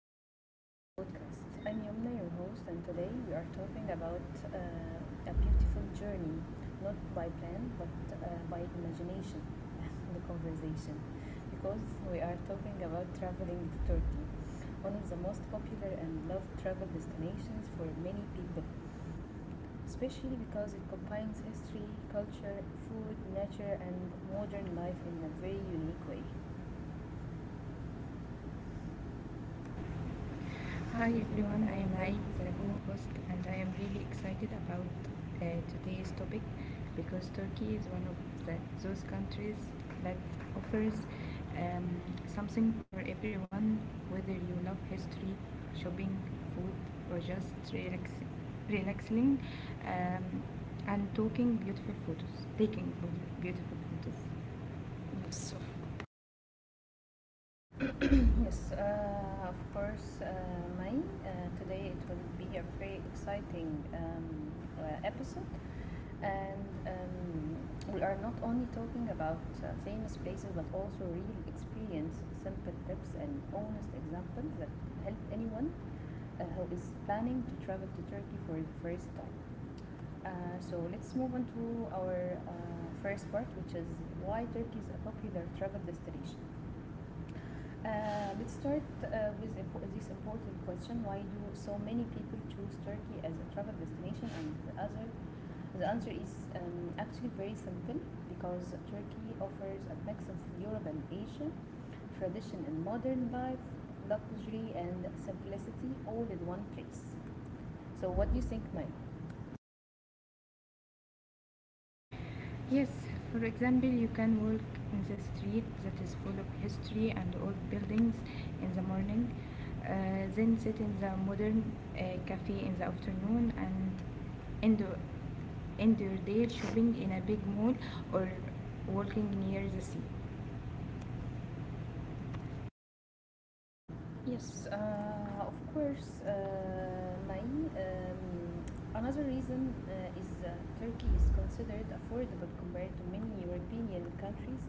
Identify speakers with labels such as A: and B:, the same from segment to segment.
A: welcome to our podcast. I'm Yumna, your host, and today we are talking about a beautiful journey, not by plan but by imagination the conversation, because we are talking about traveling to Turkey, one of the most popular and loved travel destinations for many people, especially because it combines history, culture, food, nature, and modern life in a very unique way. Hi
B: Hi
A: everyone,
B: everyone, I
A: I am
B: am Mai,
A: Naim
B: the
A: Zakou.
B: co-host, and I am really excited about uh, today's topic because Turkey is one of the, those countries that offers um, something for everyone, whether you love history, shopping, food, or just relax, relaxing um, and talking beautiful photos, taking beautiful photos. Yes, of
A: Yes, of course, May. Today it will be a very exciting episode, and we are not only talking about famous places but also real experience, simple tips, and honest examples that help anyone who is planning to travel to Turkey for the first time. So let's move on to our first part, which is why Turkey is a popular travel destination. Let's start with this important question: why do so many people choose Turkey as a travel destination? And the answer is actually very simple because Turkey offers a mix of Europe and Asia, tradition and modern life, luxury and simplicity, all in one place. So, what do you think, Mike?
B: Yes, for example, you can walk in the street that is full of history and old buildings in the morning, then sit in the modern cafe in the afternoon, and end, end your day shopping in a big mall or walking near the sea.
A: Yes, of course, my another reason is Turkey is considered affordable compared to many European countries,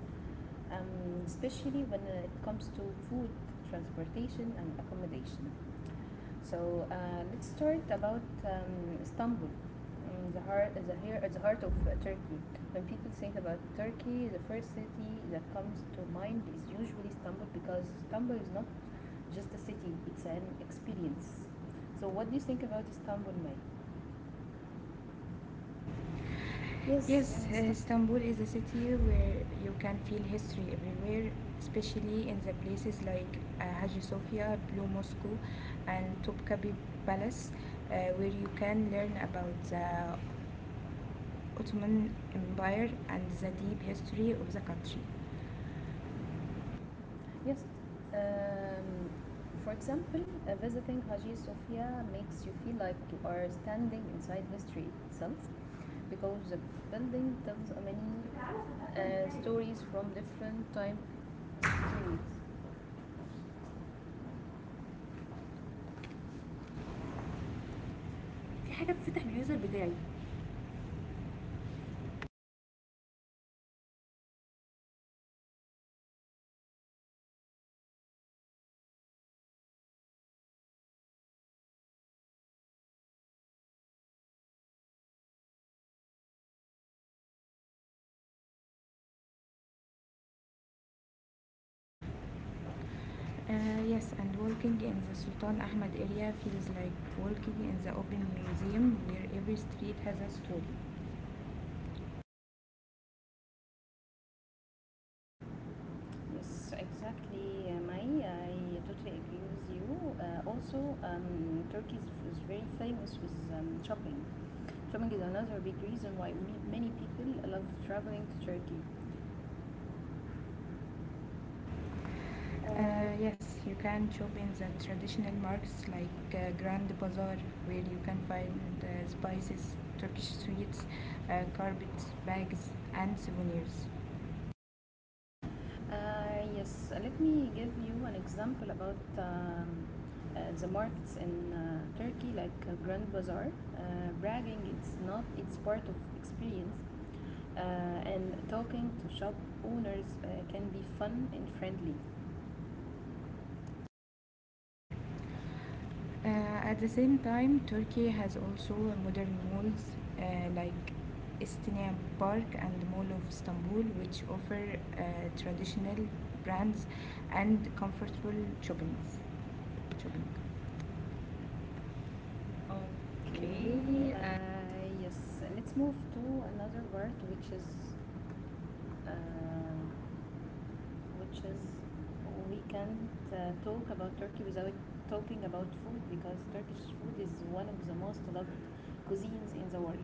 A: especially when it comes to food, transportation, and accommodation. So let's start about Istanbul, the heart of Turkey. When people think about Turkey, the first city that comes to mind is usually Istanbul because Istanbul is not just a city; it's an experience. So, what do you think about Istanbul, May?
B: Yes, Istanbul is a city where you can feel history everywhere, especially in the places like Hagia Sophia, Blue Moscow, and Topkapi Palace, where you can learn about the Ottoman Empire and the deep history of the country.
A: Yes. Um, for example, visiting Hagia Sophia makes you feel like you are standing inside history itself because the building tells a many stories from different time periods.
B: في حاجة بتفتح اليوزر بتاعي Yes, and walking in the Sultan Ahmed area feels like walking in the open museum where every street has a story.
A: Yes, exactly, Mai. I totally agree with you. Also, Turkey is very famous with shopping. Shopping is another big reason why many people love traveling to Turkey.
B: Uh,
A: Uh,
B: yes, you can shop in the traditional markets like Grand Bazaar, where you can find spices, Turkish sweets, carpets, bags, and souvenirs.
A: Yes, let me give you an example about the markets in Turkey, like Grand Bazaar. Uh, Bragging, it's not, it's part of experience, uh, and talking to shop owners can be fun and friendly.
B: Uh, at the same time, Turkey has also modern malls like Estinian Park and Mall of Istanbul, which offer uh, traditional brands and comfortable shopping. shopping.
A: Okay,
B: Okay.
A: yes, let's move to another word, uh, which is we can't talk about Turkey without talking about food because Turkish food is one of the most loved cuisines in the world.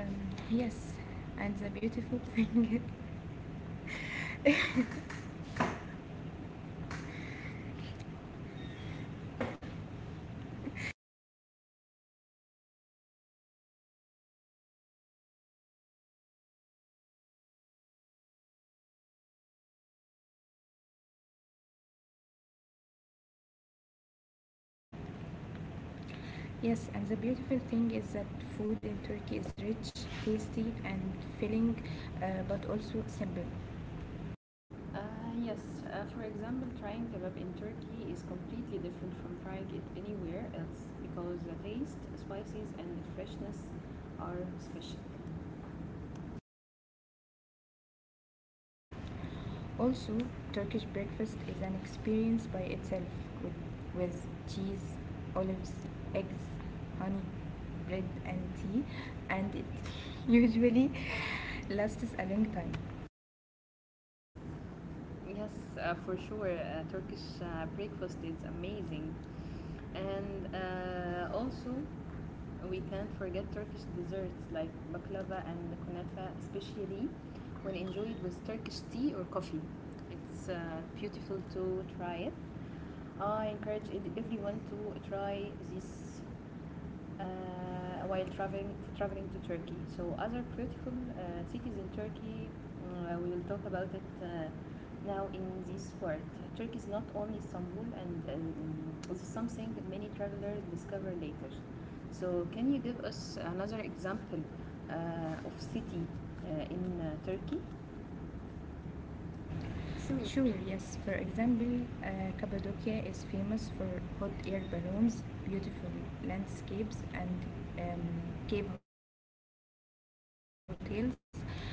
B: Yes, and the beautiful thing, yes, and the beautiful thing is that food in Turkey is rich, tasty, and filling, but also simple.
A: Uh, yes, for example, trying kebab in Turkey is completely different from trying it anywhere else because the taste, spices, and the freshness are special.
B: Also, Turkish breakfast is an experience by itself with, with cheese, olives, eggs, honey, bread, and tea, and it usually lasts a long time.
A: Yes, for sure, Turkish breakfast is amazing, and also we can't forget Turkish desserts like baklava and kunafa, especially when enjoyed with Turkish tea or coffee. It's beautiful to try it. I encourage everyone to try this uh, while traveling to Turkey. So other beautiful cities in Turkey, we will talk about it now in this part. Turkey is not only Istanbul, and this is something that many travelers discover later. So can you give us another example of city in Turkey?
B: Sure, yes. For example, Cappadocia is famous for hot air balloons, beautiful landscapes, and um, cave hotels, and it feels like a dream place.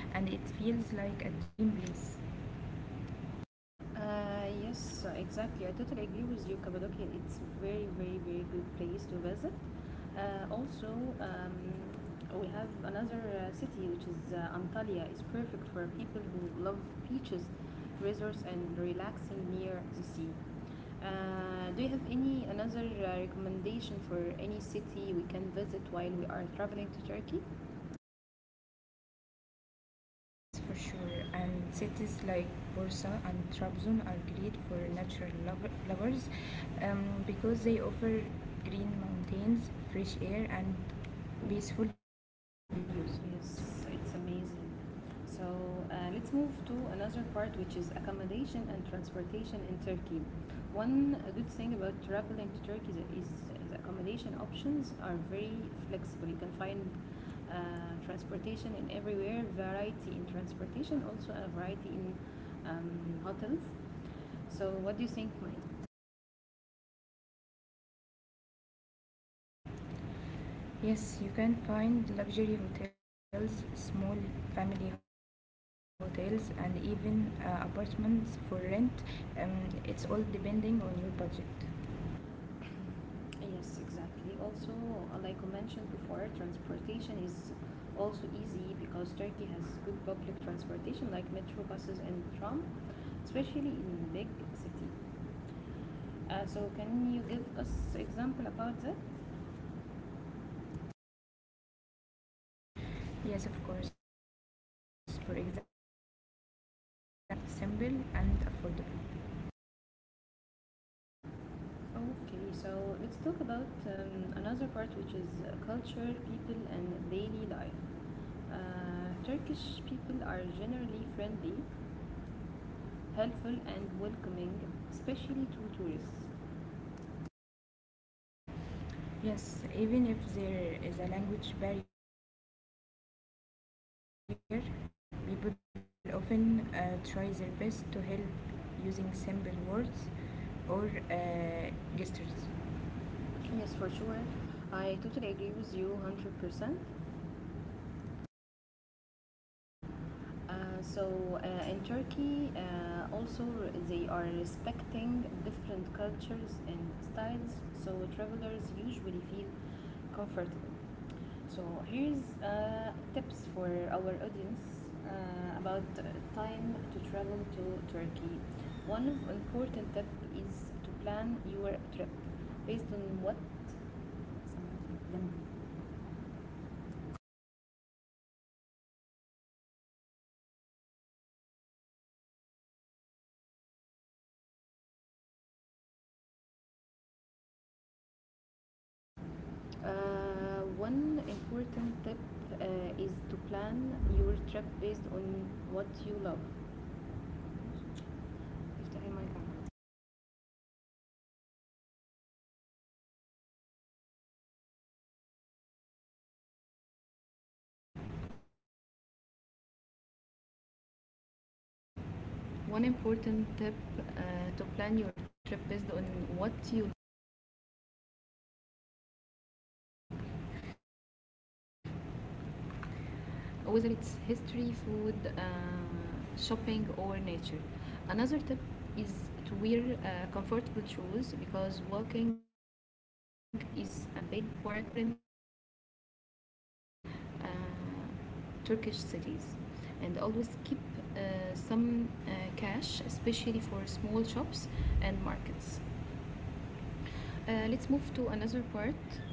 A: Yes, exactly. I totally agree with you, Cappadocia. It's very, very, very good place to visit. Also, um, we have another city which is Antalya. It's perfect for people who love beaches, resorts, and relaxing near the sea. Do you have any another recommendation for any city we can visit while we are traveling to Turkey?
B: Yes, for sure. And cities like Bursa and Trabzon are great for lovers because they offer green mountains, fresh air, and peaceful views.
A: Yes, it's amazing. So let's move to another part, which is accommodation and transportation in Turkey. One good thing about traveling to Turkey is the accommodation options are very flexible. You can find uh, transportation in everywhere, variety in transportation, also a variety in hotels. So, what do you think, Mike?
B: Yes, you can find luxury hotels, small family hotels, and even apartments for rent. Um, it's all depending on your budget.
A: Yes, exactly. Also, like I mentioned before, transportation is also easy because Turkey has good public transportation like metro buses and tram, especially in big city. So can you give us example about that?
B: Yes, of course. For example, using Istanbul card makes moving around the city simple and affordable.
A: Okay, so let's talk about another part which is culture, people, and daily life. Turkish people are generally friendly, helpful, and welcoming, especially to tourists.
B: Yes, even if there is a language barrier, people often try their best to help using simple words or gestures.
A: Yes, for sure. I totally agree with you 100%. Uh, so, in Turkey, also they are respecting different cultures and styles, so travelers usually feel comfortable. So, here's tips for our audience about time to travel to Turkey. One of important tip is to plan your trip based on what one important tip uh, is to plan your trip based on what you love. افتحي المايك عندك.
B: Uh, one important tip One important tip uh, to plan your trip based on what you whether it's history, food, shopping, or nature. Another tip is to wear comfortable shoes because walking is a big part of exploring uh, Turkish cities. And always keep uh, some cash, especially for small shops and markets. Uh, let's move to another part Uh,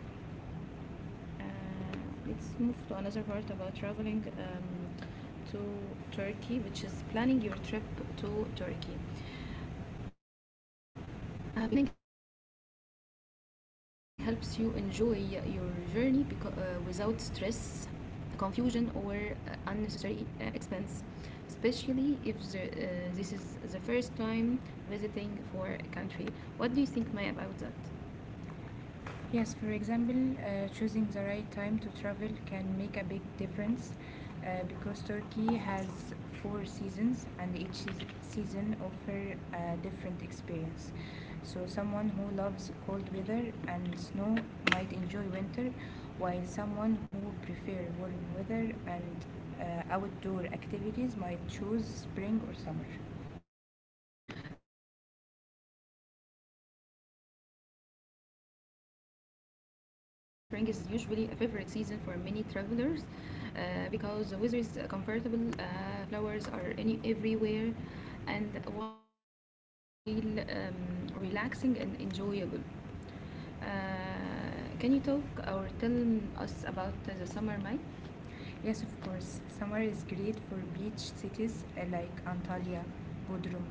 B: let's move to another part about traveling to Turkey, which is planning your trip to Turkey. Because good planning helps you enjoy your journey without stress, confusion, or unnecessary expense, especially if this is the first time visiting for a country. What do you think, Maya, about that? Yes, for example, choosing the right time to travel can make a big difference because Turkey has four seasons and each season offer a different experience. So someone who loves cold weather and snow might enjoy winter, while someone who prefer warm weather and outdoor activities might choose spring or summer. Yes, sure. Let's talk about spring in Turkey. Spring is usually a favorite season for many travelers uh, because the weather is comfortable, flowers are any everywhere, and walking in cities like Istanbul or Bursa feel relaxing and enjoyable. Uh, can you talk or tell us about the summer life? Yes, of course. Summer is great for beach cities like Antalya, Bodrum,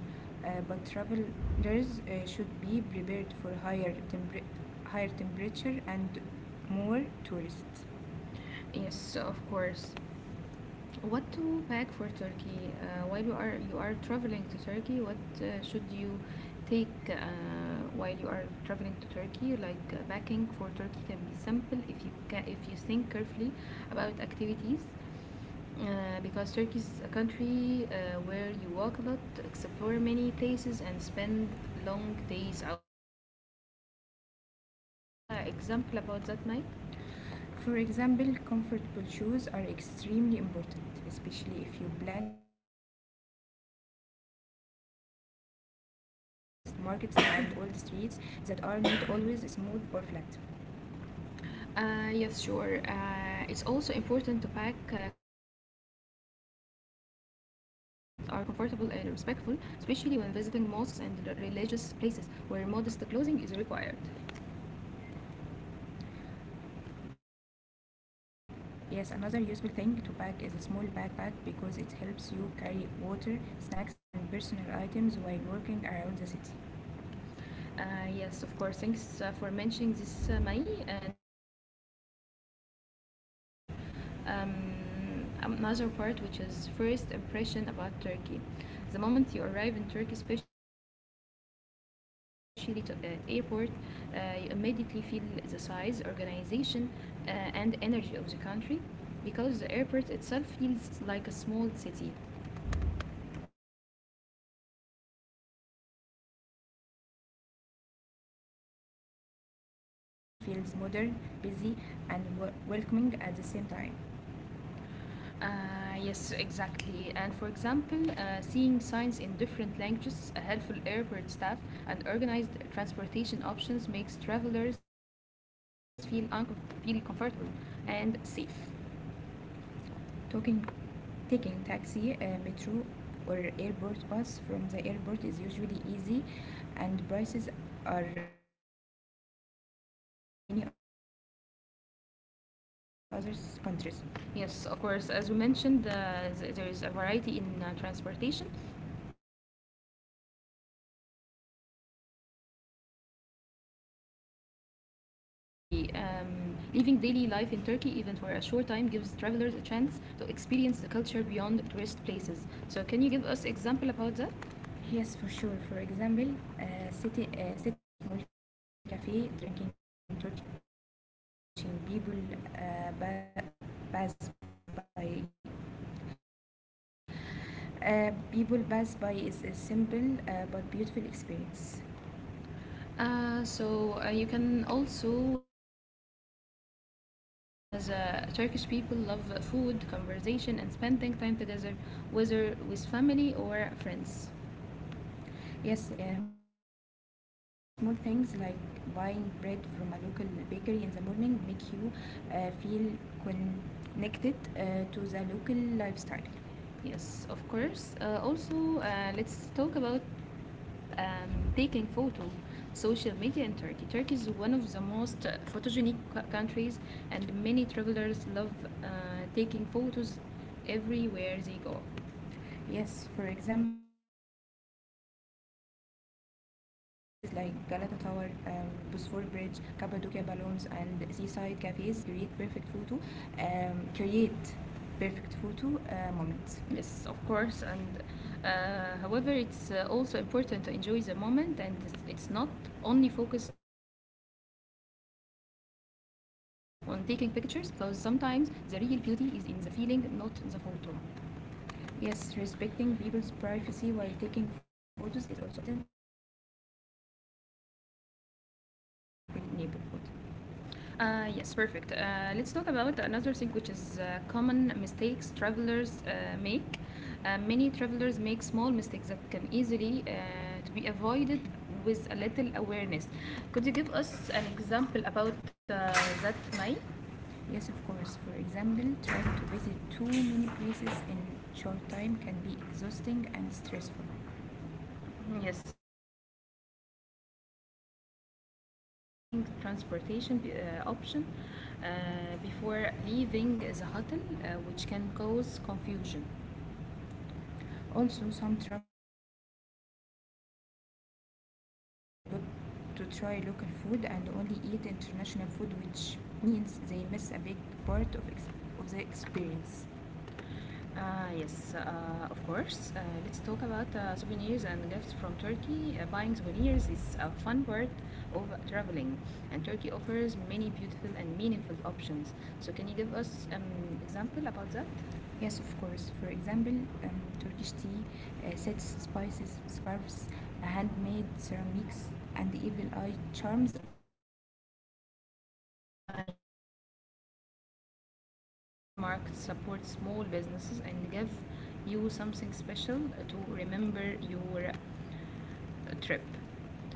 B: but travelers should be prepared for higher temperature and more tourists. Yes, of course. What to pack for Turkey? While you are traveling to Turkey, what should you take while you are traveling to Turkey? Like packing for Turkey can be simple if you think carefully about activities, because Turkey is a country where you walk a lot, explore many places, and spend long days outside. So, can you give us example about that, Mike? For example, comfortable shoes are extremely important, especially if you plan to visit historical areas, markets, and old streets that are not always smooth or flat. Yes, sure. It's also important to pack clothes that are comfortable and respectful, especially when visiting mosques and religious places where modest clothing is required. Yes, another useful thing to pack is a small backpack because it helps you carry water, snacks, and personal items while walking around the city. Uh, yes, of course. Thanks for mentioning this, Mai. And let's talk about um, another part, which is first impression about Turkey. The moment you arrive in Turkey, especially at airport, you immediately feel the size, organization, uh, and energy of the country, because the airport itself feels like a small city. Yes, and for many travelers, the first impression that Turkey feels modern, busy, and welcoming at the same time. Yes, exactly. And for example, seeing signs in different languages, a helpful airport staff, and organized transportation options makes travelers feel comfortable and safe. talking, Taking taxi, metro, or airport bus from the airport is usually easy, and prices are um, responsible compared to many other countries. Yes, of course. As we mentioned, there is a variety in transportation. So, let's talk about daily life experience in Turkey. Living daily life in Turkey, even for a short time, gives travelers a chance to experience the culture beyond tourist places. So, can you give us example about that? Yes, for sure. For example, uh, sitting in a small cafe, drinking Turkish tea, and uh, ba- pass by people pass by is a simple but beautiful experience. You can also notice the Turkish people love food, conversation, whether with family or friends. Yes, even small things like buying bread from a local bakery in the morning make you feel connected to the local lifestyle. Yes, of course. Also, let's talk about um, taking photo. Social media in Turkey. Turkey is one of the most photogenic countries, and many travelers love uh, taking photos everywhere they go. Yes, for example, places like Galata Tower, um, Bosphor Bridge, Cappadocia Balloons, and seaside cafes create perfect photo moments. Yes, of course. And however, it's also important to enjoy the moment, and it's not only focus on taking pictures because sometimes the real beauty is in the feeling, not the photo. Yes, respecting people's privacy while taking photos is also important, especially in local neighborhood. Yes, perfect. Let's talk about another thing which is common mistakes travelers make. Many travelers make small mistakes that can easily to be avoided with a little awareness. Could you give us an example about that, May? Yes, of course. For example, trying to visit too many places in short time can be exhausting and stressful. Yes, exactly. Another common mistake is not checking transportation option before leaving the hotel, which can cause confusion. Also, some travelers forgot to try local food and only eat international food, which means they miss a big part of, ex- of the experience. Yes, of course. Let's talk about souvenirs and gifts from Turkey. Buying souvenirs is a fun part of traveling, and Turkey offers many beautiful and meaningful options. So, can you give us an example about that? Yes, of course. For example, Turkish tea, sets, spices, scarves, handmade ceramics, and evil eye charms are popular gifts. Ah, yes, of course. Also, buying gifts from local markets support small businesses and give you something special to remember your trip.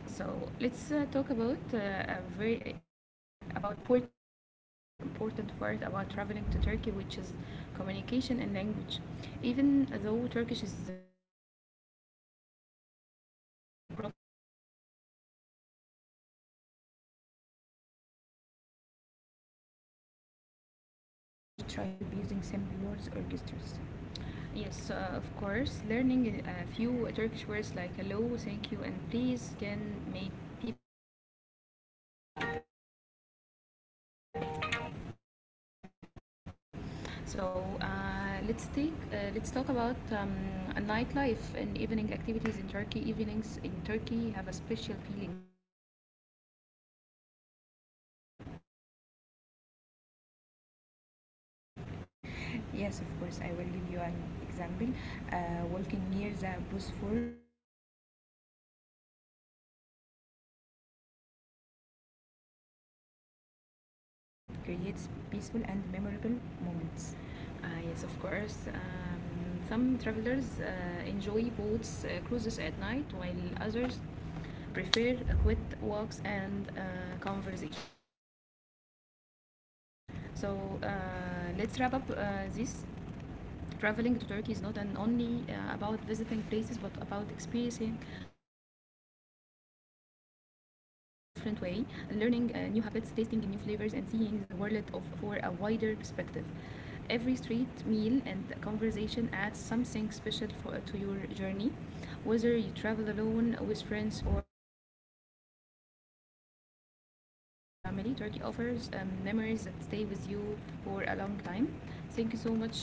B: So let's talk about a very about important topic or important part about traveling to Turkey, which is communication and language. Even though Turkish is the main language, communication is usually not a big problem for travelers. Many people in tourist areas speak English and others try to help using simple words or gestures. Yes, of course. Learning a few Turkish words like hello, thank you, and please can make people smile and feel appreciated. Let's talk about nightlife and evening activities in Turkey. Evenings in Turkey have a special feeling, especially in cities like Istanbul. Uh, so, can you give us? Yes, of course. I will give you an example. Uh, Walking near the Bosphor at night, um, sitting in a cafe, or enjoying street food creates peaceful and memorable moments. Yes, of course. Some travelers enjoy boats cruises at night, while others prefer quiet walks and conversation. So let's wrap up this. Traveling to Turkey is not an only about visiting places, but about experiencing life in a different way, learning new habits, tasting new flavors, and seeing the world of for a wider perspective. Every street meal and conversation adds something special to your journey. Whether you travel alone, with friends, or with family, Turkey offers memories that stay with you for a long time. Thank you so much, May, for this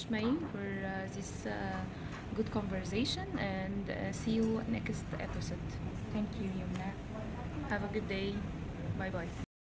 B: good conversation, and see you next episode. Thank you, Yumna. Have a good day. Bye bye. Bye.